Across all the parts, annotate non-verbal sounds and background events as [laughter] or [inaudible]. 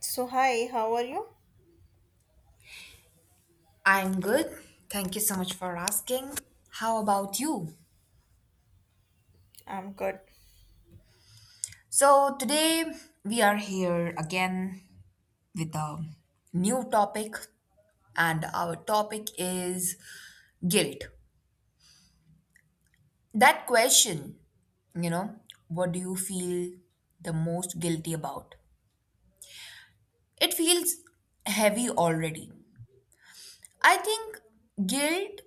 So, hi, how are you? I'm good. Thank you so much for asking. How about you? I'm good. So, today we are here again with a new topic, and our topic is guilt. That question, you know, what do you feel the most guilty about? It feels heavy already. I think guilt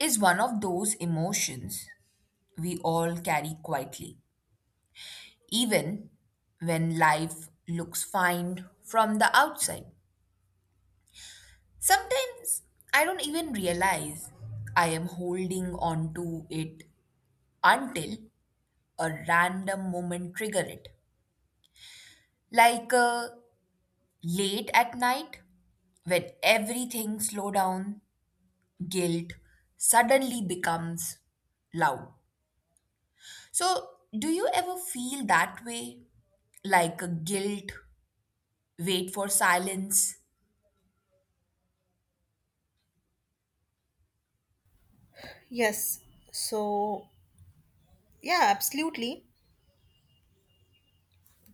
is one of those emotions we all carry quietly even when life looks fine from the outside. Sometimes I don't even realize I am holding on to it until a random moment trigger it. Like late at night when everything slow down, guilt suddenly becomes loud. So, do you ever feel that way? Like a guilt, wait for silence? Yes. So, yeah, absolutely.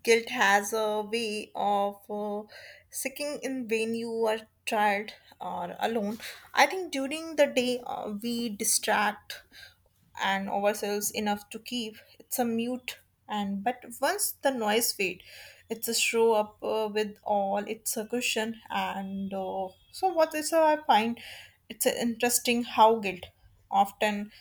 Guilt has a way of sinking in when you are tired or alone. I think during the day we distract and ourselves enough to keep it's a mute and but once the noise fade it's a show up with all it's a cushion and so what is I find it's interesting how guilt often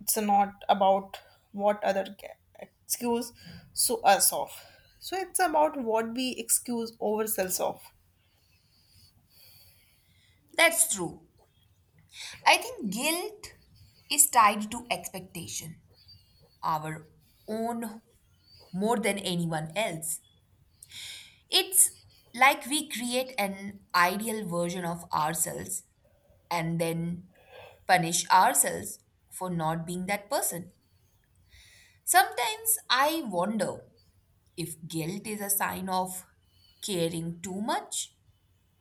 it's not about what other excuse so us of so it's about what we excuse ourselves of. That's true. I think guilt is tied to expectation, our own more than anyone else. It's like we create an ideal version of ourselves and then punish ourselves for not being that person. Sometimes I wonder if guilt is a sign of caring too much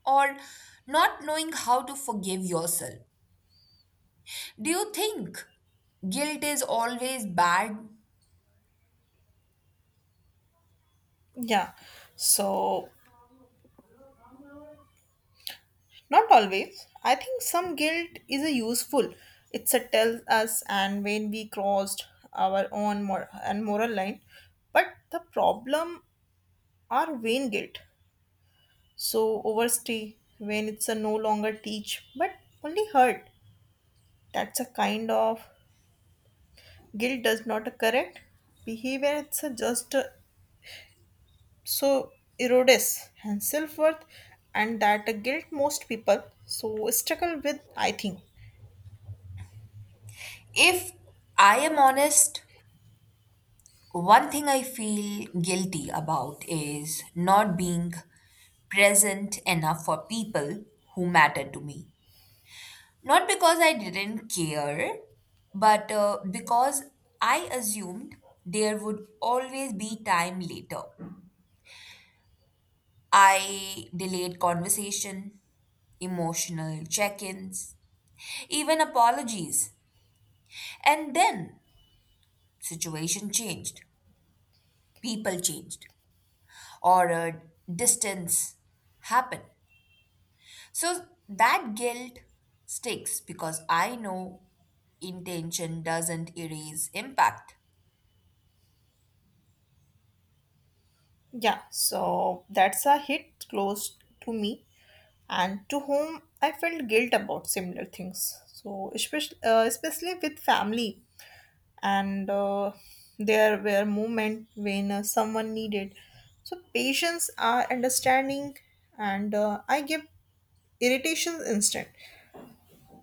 or not knowing how to forgive yourself. Do you think guilt is always bad? Yeah. So not always. I think some guilt is a useful, it's a tells us and when we crossed our own mor- and moral line, but the problem are vain guilt so overstay when it's a no longer teach but only hurt. That's a kind of guilt does not correct behavior, it's a just so erodes and self-worth, and that guilt most people so struggle with, I think. If I am honest, one thing I feel guilty about is not being present enough for people who matter to me. Not because I didn't care, but because I assumed there would always be time later. I delayed conversation, emotional check ins, even apologies. And then situation changed, people changed, or distance happen. So that guilt sticks because I know intention doesn't erase impact. Yeah. So that's a hit close to me and to whom I felt guilt about similar things, so especially with family, and there were moments when someone needed so patience are understanding, and I give irritations instant.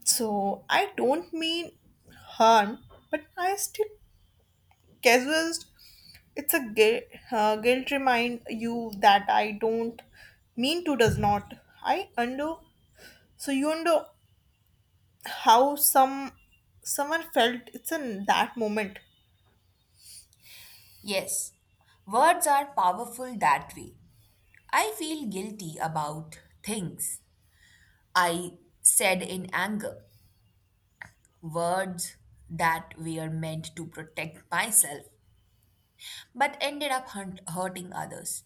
So I don't mean harm, but I still casual. It's a guilt remind you that I don't mean to does not. I undo. So you undo how someone felt. It's in that moment. Yes, words are powerful that way. I feel guilty about things I said in anger, words that were meant to protect myself but ended up hurting others.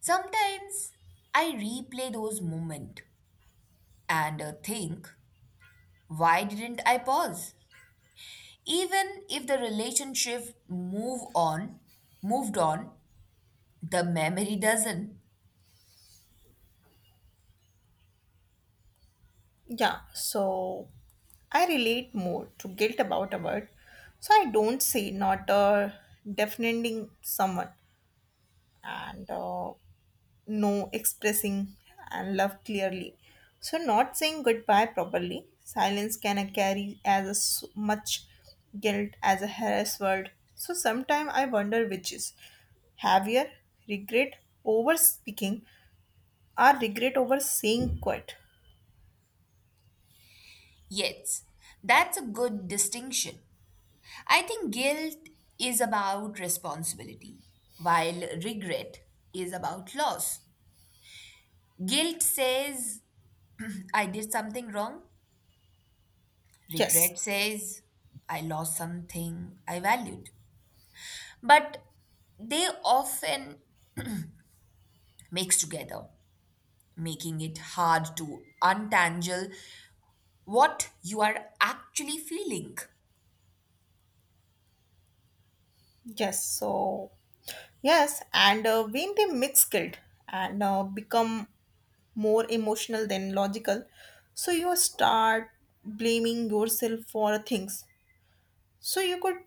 Sometimes I replay those moments and think, why didn't I pause? Even if the relationship moved on, the memory doesn't. Yeah. So I relate more to guilt about a word. So I don't say not defining someone and. No expressing and love clearly, so not saying goodbye properly silence can carry as a much guilt as a harassed word, so sometimes I wonder which is heavier, regret over speaking or regret over saying quit. Yes, that's a good distinction. I think guilt is about responsibility while regret is about loss. Guilt says I did something wrong, Yes. regret says I lost something I valued. But they often mix together, making it hard to untangle what you are actually feeling. Yes. So yes, and when they mix guilt and become more emotional than logical. So you start blaming yourself for things. So you could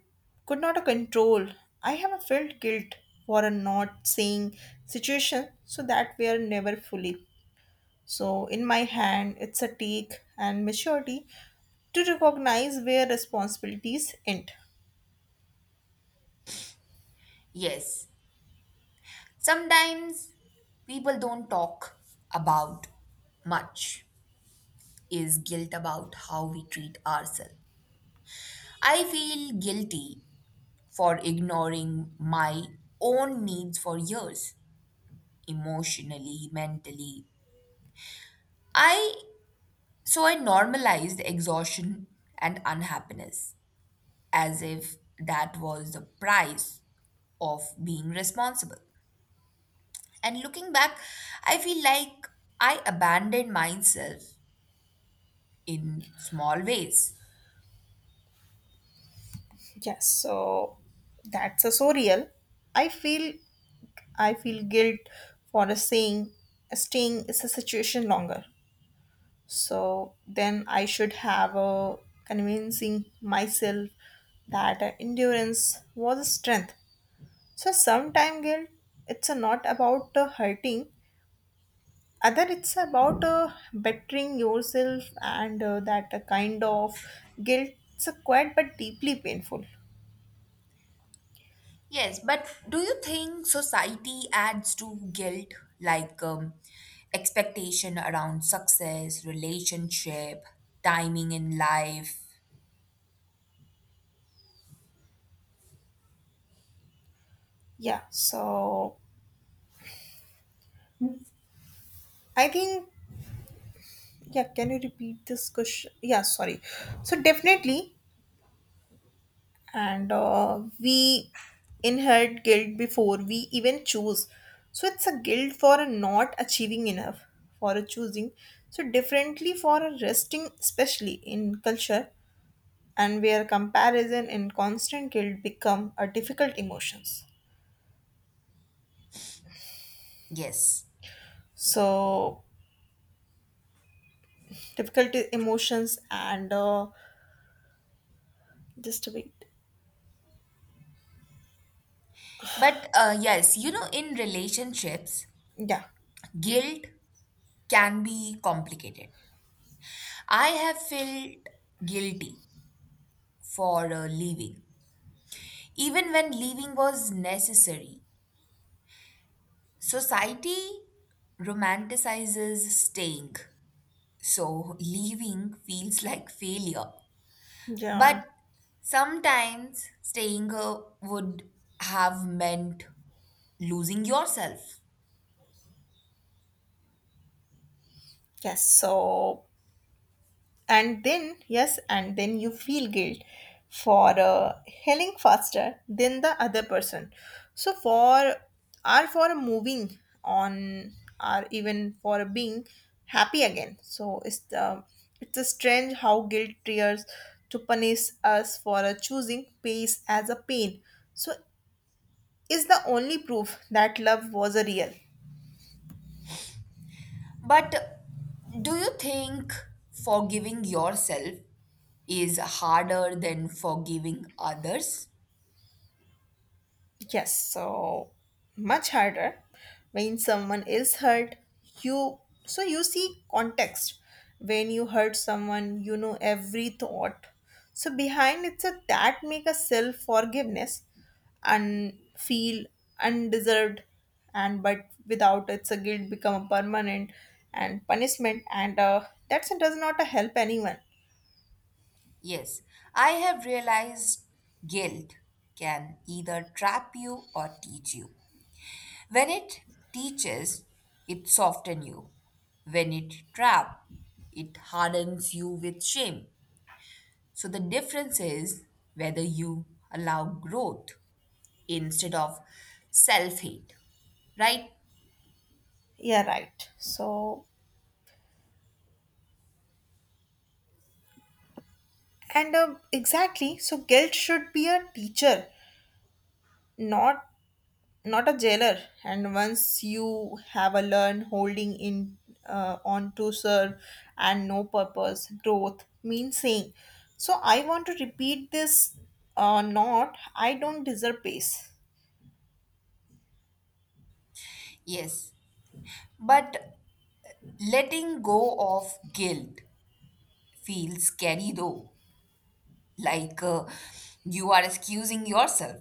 could not control. I have felt guilt for not saying situation so that we are never fully. So in my hand it's a take and maturity to recognize where responsibilities end. Yes, sometimes people don't talk about much is guilt about how we treat ourselves. I feel guilty for ignoring my own needs for years, emotionally, mentally. I so I normalized exhaustion and unhappiness as if that was the price of being responsible. And looking back, I feel like I abandoned myself in small ways. Yes, so that's a so real. I feel I feel guilt for a saying staying is a situation longer. So then I should have a convincing myself that endurance was a strength. So sometime guilt, it's not about hurting. Other, it's about bettering yourself, and that kind of guilt. It's quite but deeply painful. Yes, but do you think society adds to guilt like expectation around success, relationship, timing in life? Yeah. So I think yeah. Can you repeat this question? Yeah. Sorry. So definitely, and we inherit guilt before we even choose, so it's a guilt for not achieving enough, for a choosing so differently, for a resting, especially in culture and where comparison and constant guilt become a difficult emotions, Yes. so difficult emotions and just a bit. But yes, you know, in relationships, Yeah. guilt can be complicated. I have felt guilty for leaving. Even when leaving was necessary, society romanticizes staying. So leaving feels like failure. Yeah. But sometimes staying would have meant losing yourself. Yes. So and then yes and then you feel guilt for healing faster than the other person, so for or for moving on, or even for being happy again, so it's a strange how guilt tears to punish us for choosing peace as a pain, so is the only proof that love was a real. But do you think forgiving yourself is harder than forgiving others? Yes, so much harder when someone is hurt. You so you see context. When you hurt someone, you know every thought. So behind it's a that make a self forgiveness and feel undeserved, and but without it's a guilt become a permanent and punishment, and that so does not help anyone. Yes, I have realized guilt can either trap you or teach you. When it teaches, it softens you. When it traps, it hardens you with shame. So the difference is whether you allow growth instead of self hate, right? Yeah, right. So, and exactly. So, guilt should be a teacher, not not a jailer, and once you have a learn holding in on to serve and no purpose, growth means saying, so I want to repeat this, not I don't deserve peace. Yes, but letting go of guilt feels scary though, like you are excusing yourself.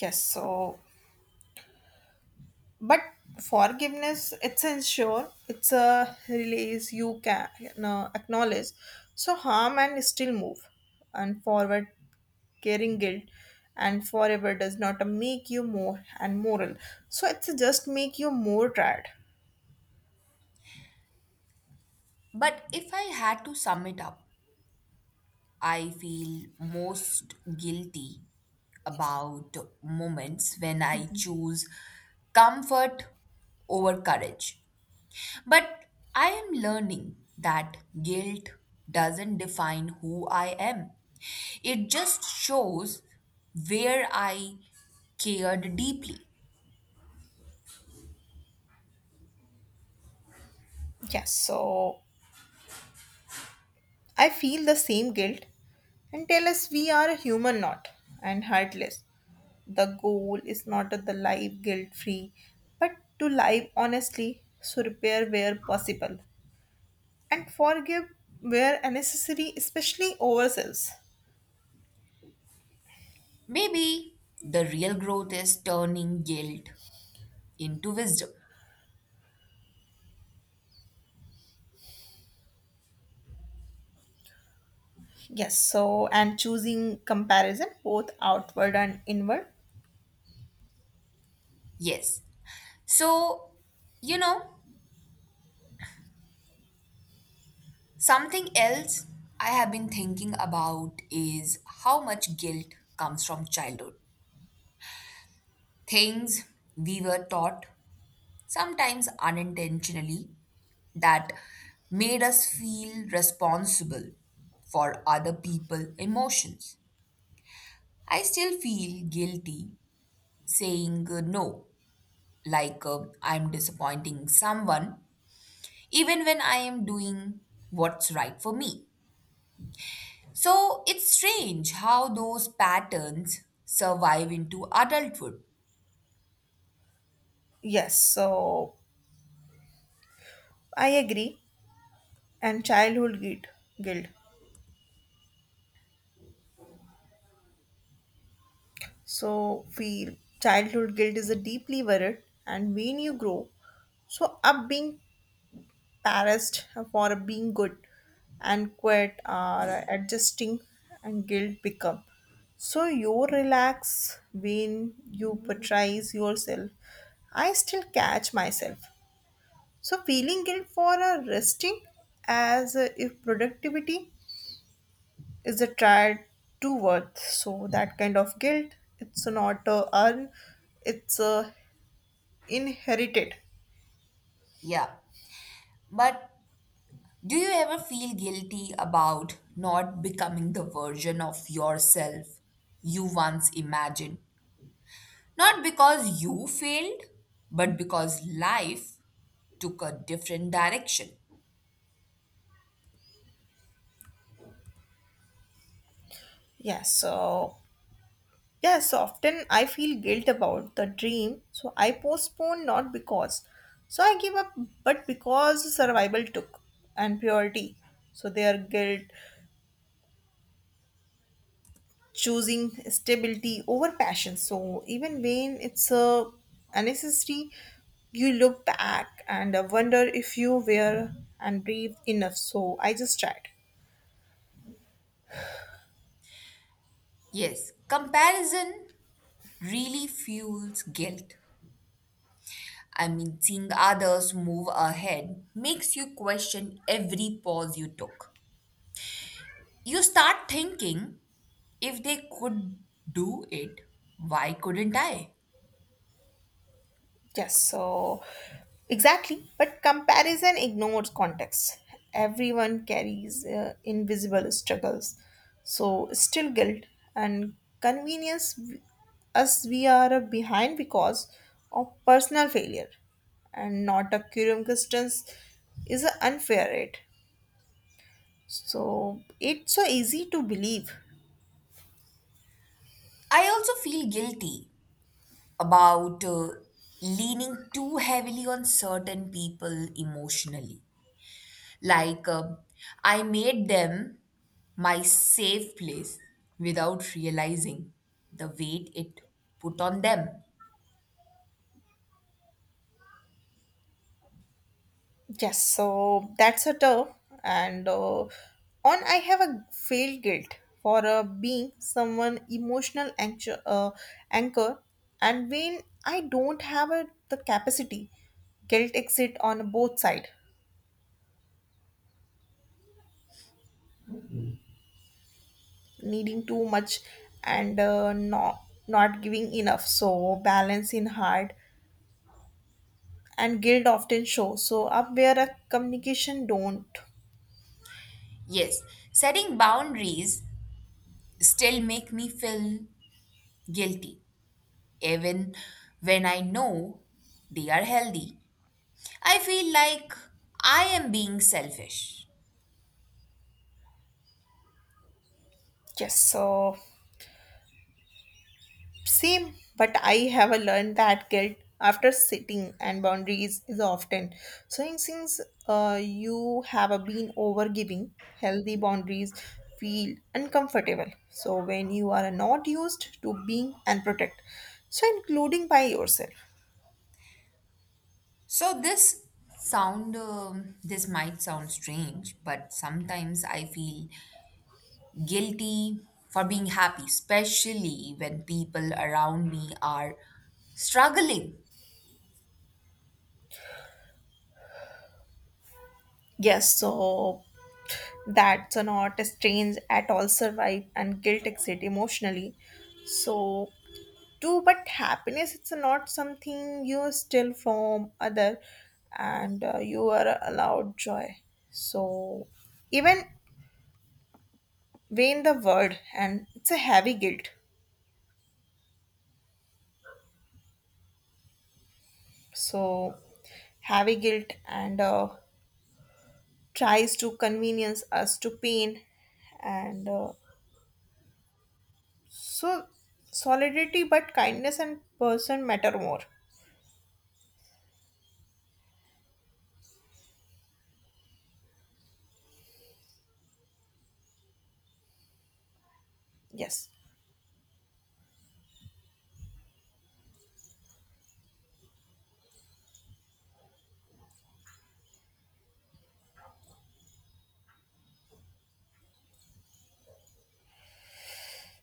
Yes, so but forgiveness it's ensure it's a release. You can acknowledge so harm and still move and forward. Caring guilt and forever does not make you more and moral, so it's just make you more tired. But if I had to sum it up, I feel most guilty Yes. about moments when I choose comfort over courage. But I am learning that guilt doesn't define who I am, it just shows where I cared deeply. Yes. So I feel the same guilt and tell us we are a human, not and heartless. The goal is not to the life guilt free, but to live honestly, so repair where possible and forgive where necessary, especially ourselves. Maybe the real growth is turning guilt into wisdom. Yes, so and choosing comparison both outward and inward. Yes. So, you know, something else I have been thinking about is how much guilt comes from childhood. Things we were taught, sometimes unintentionally, that made us feel responsible for other people's emotions. I still feel guilty saying no, like I'm disappointing someone, even when I am doing what's right for me. So it's strange how those patterns survive into adulthood. Yes, so I agree. And childhood guilt. So we childhood guilt is a deeply worried, and when you grow, so up being embarrassed for being good and quit or adjusting, and guilt become. So you relax when you portrays yourself. I still catch myself. So feeling guilt for a resting as if productivity is the tried to worth, so that kind of guilt it's not earned, it's inherited. Yeah. But do you ever feel guilty about not becoming the version of yourself you once imagined? Not because you failed, but because life took a different direction. Yes, so yes often I feel guilt about the dream so I postpone, not because so I give up but because survival took and purity. So their guilt choosing stability over passion. So even when it's a unnecessary, you look back and wonder if you were and brave enough. So I just tried. Yes, comparison really fuels guilt. I mean, seeing others move ahead makes you question every pause you took. You start thinking, if they could do it, why couldn't I? Yes, so exactly. But comparison ignores context. Everyone carries invisible struggles. So, still guilt and convenience, us we are behind because of personal failure and not a curium distance is a unfair rate. So, it's so easy to believe. I also feel guilty about leaning too heavily on certain people emotionally. Like, I made them my safe place without realizing the weight it put on them. Yes, so that's a tough and on. I have a failed guilt for being someone emotional anchor and when I don't have the capacity, guilt exit on both side, needing too much and not giving enough. So balance in heart and guilt often show. So up where a communication don't. Yes, setting boundaries still make me feel guilty. Even when I know they are healthy, I feel like I am being selfish. Yes, so same, but I have learned that guilt after sitting and boundaries is often. So, since you have been overgiving, healthy boundaries feel uncomfortable. So, when you are not used to being and protect, so including by yourself. So this sound this might sound strange, but sometimes I feel guilty for being happy, especially when people around me are struggling. Yes, so that's not strange at all survive and guilt exit emotionally. So too, but happiness it's not something you steal from other, and you are allowed joy. So even vain the word and it's a heavy guilt, so heavy guilt and tries to convenience us to pain and so solidarity, but kindness and person matter more. Yes.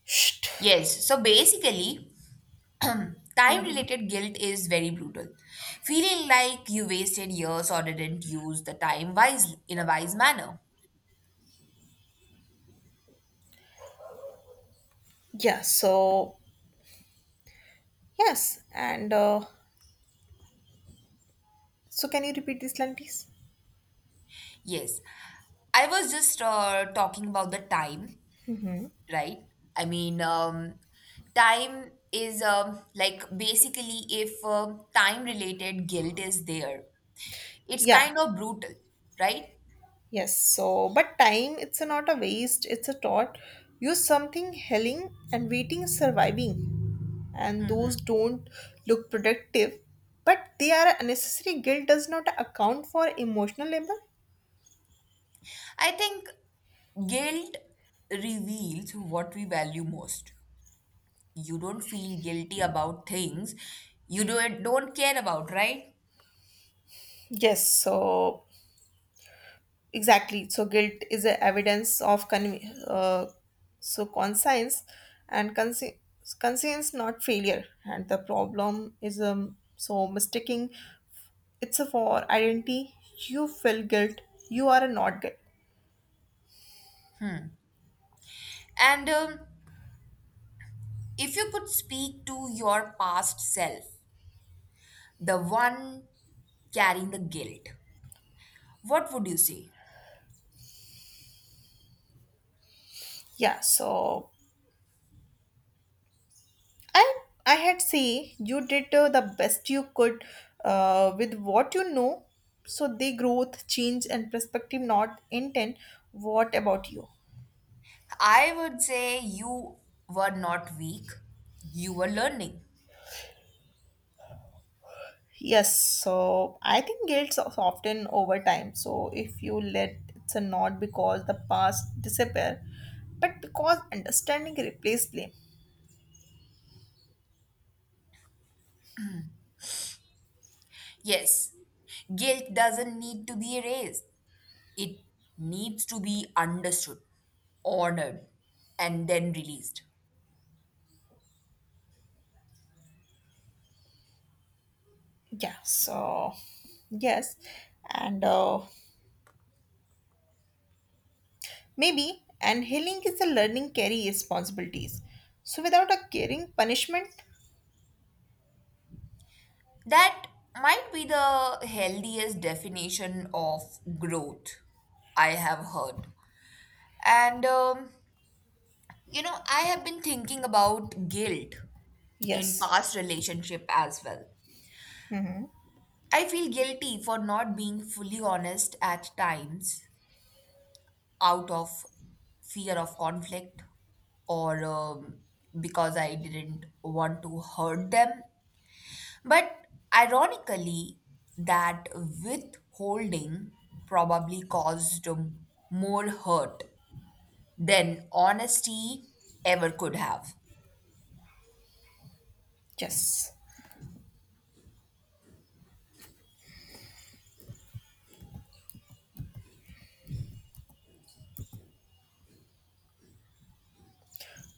Shh. Yes, so basically, [clears throat] time Mhm. related guilt is very brutal. Feeling like you wasted years or didn't use the time wisely in a wise manner. Yeah. So yes and so can you repeat this line, please? Yes. I was just talking about the time, right? I mean, time is like basically if time related guilt is there, it's Yeah. kind of brutal, right? Yes. So, but time, it's a not a waste, it's a thought. Use something helling and waiting is surviving. And those don't look productive, but they are unnecessary. Guilt does not account for emotional labor. I think guilt reveals what we value most. You don't feel guilty about things you don't care about, right? Yes, so exactly. So guilt is a evidence of uh, so conscience and conscience, not failure. And the problem is so mistaking it's a for identity, you feel guilt, you are not guilt. And if you could speak to your past self, the one carrying the guilt, what would you say? Yeah, so i I had say you did the best you could, with what you know, so the growth change and perspective not intent. What about you? I would say you were not weak, you were learning. Yes, so I think guilt of often over time, so if you let it's a not because the past disappear but because understanding replace blame. Yes, guilt doesn't need to be erased, it needs to be understood, honored, and then released. Yeah, so yes and maybe, and healing is a learning carry responsibilities. So without a caring punishment, That might be the healthiest definition of growth I have heard. And you know, I have been thinking about guilt in yes, past relationship as well. hmm, I feel guilty for not being fully honest at times out of fear of conflict or because I didn't want to hurt them. But ironically, that withholding probably caused more hurt than honesty ever could have. yes.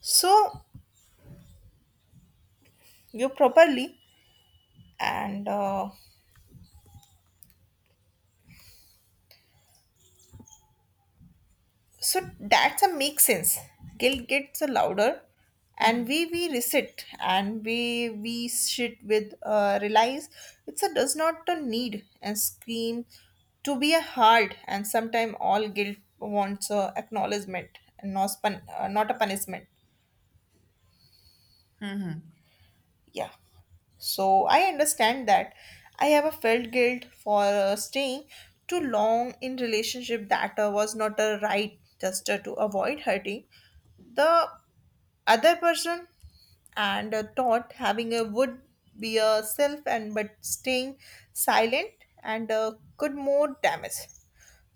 So you properly and so that's a make sense. Guilt gets louder, and we reset and we sit with realize it's a does not a need and scream to be a hard, and sometime all guilt wants a acknowledgement and not a punishment. Yeah, so I understand that. I have a felt guilt for staying too long in relationship that was not a right just to avoid hurting the other person, and thought having a would be a self, and but staying silent and could more damage.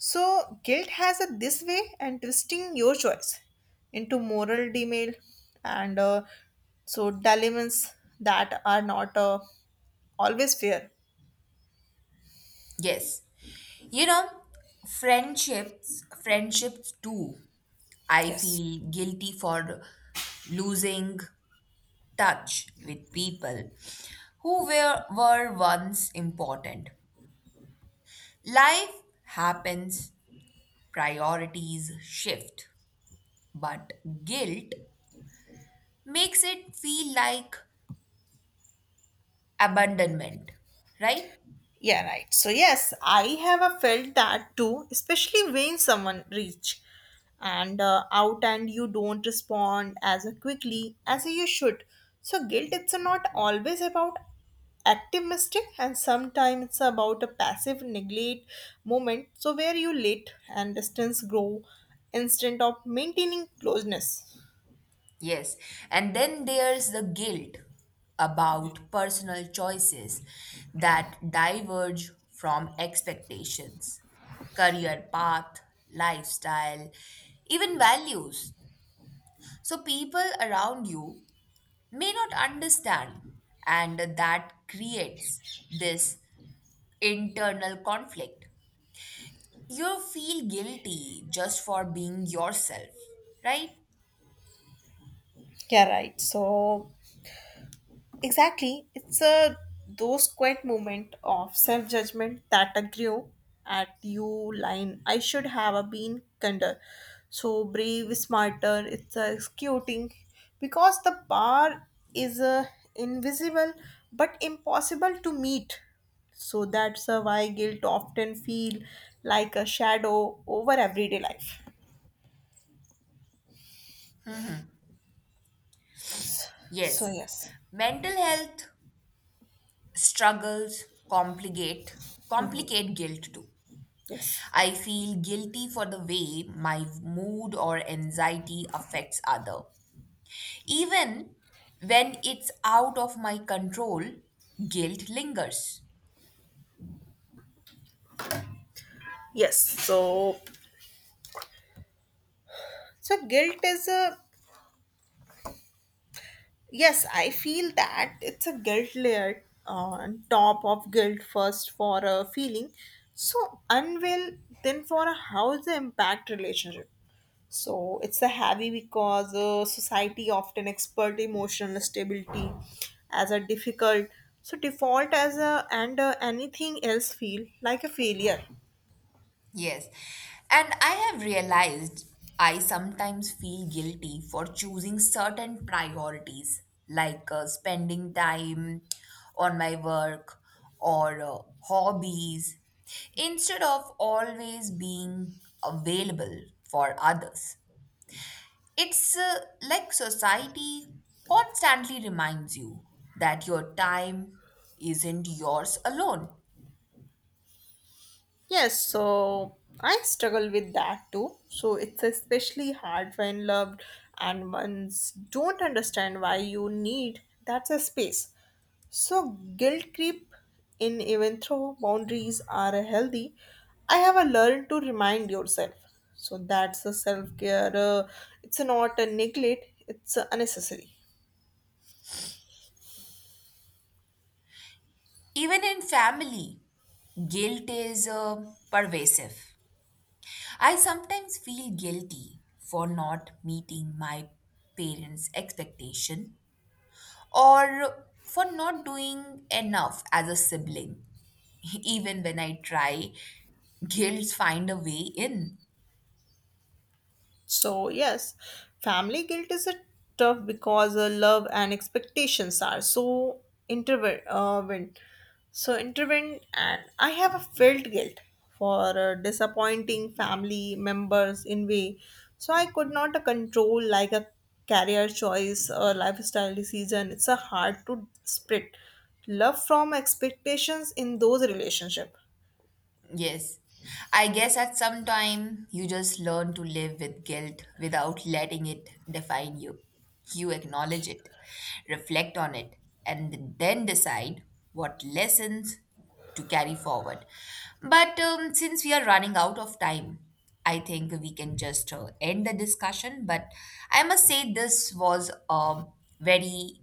So guilt has a this way and twisting your choice into moral demail and so dilemmas that are not always fair. Yes. You know, friendships too, I Yes. feel guilty for losing touch with people who were once important. Life happens, priorities shift, but guilt makes it feel like abandonment, right? Yeah, right. So yes, I have felt that too, especially when someone reach and out and you don't respond as quickly as you should. So guilt it's not always about active mistake and sometimes it's about a passive neglect moment so where you let and distance grow instead of maintaining closeness. Yes, and then there's the guilt about personal choices that diverge from expectations, career path, lifestyle, even values. So people around you may not understand, and that creates this internal conflict. You feel guilty just for being yourself, right? Yeah, right. So exactly. It's a those quiet moment of self judgment that a grew at you line. I should have a been kinder. So brave, smarter, it's a executing because the bar is a invisible but impossible to meet. So that's a why guilt often feel like a shadow over everyday life. So Yes. yes, Mental health struggles complicate complicate guilt too. yes. I feel guilty for the way my mood or anxiety affects other. Even when it's out of my control, guilt lingers. Yes. So so guilt is a. Yes, I feel that it's a guilt layer on top of guilt first for a feeling, so unwell, then for a how's the impact relationship. So it's a heavy because society often expert emotional stability as a difficult. So default as a and anything else feel like a failure. Yes. And I have realized I sometimes feel guilty for choosing certain priorities, like spending time on my work or hobbies, instead of always being available for others. It's like society constantly reminds you that your time isn't yours alone, Yes, so I struggle with that too. So it's especially hard when loved and ones don't understand why you need that's a space. So guilt creep in even though boundaries are healthy, I have a learn to remind yourself. So that's a self care. It's not a neglect. It's a unnecessary. even in family. Guilt is pervasive. I sometimes feel guilty for not meeting my parents' expectation or for not doing enough as a sibling. [laughs] Even when I try, guilt find a way in. So, yes, family guilt is a tough because love and expectations are so intertwined. So intertwined, and I have a felt guilt for disappointing family members in way. So I could not control like a career choice or lifestyle decision. It's a hard to split love from expectations in those relationship. Yes. I guess at some time you just learn to live with guilt without letting it define you. You acknowledge it, reflect on it, and then decide what lessons to carry forward. But since we are running out of time, I think we can just end the discussion. But I must say, this was a very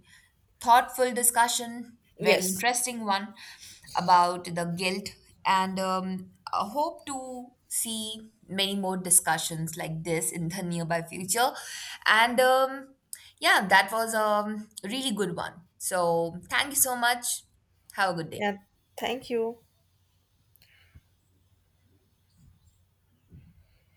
thoughtful discussion, very Yes. interesting one about the guilt, and I hope to see many more discussions like this in the [laughs] nearby future. And yeah, that was a really good one. So thank you so much. Have a good day. Yeah, thank you.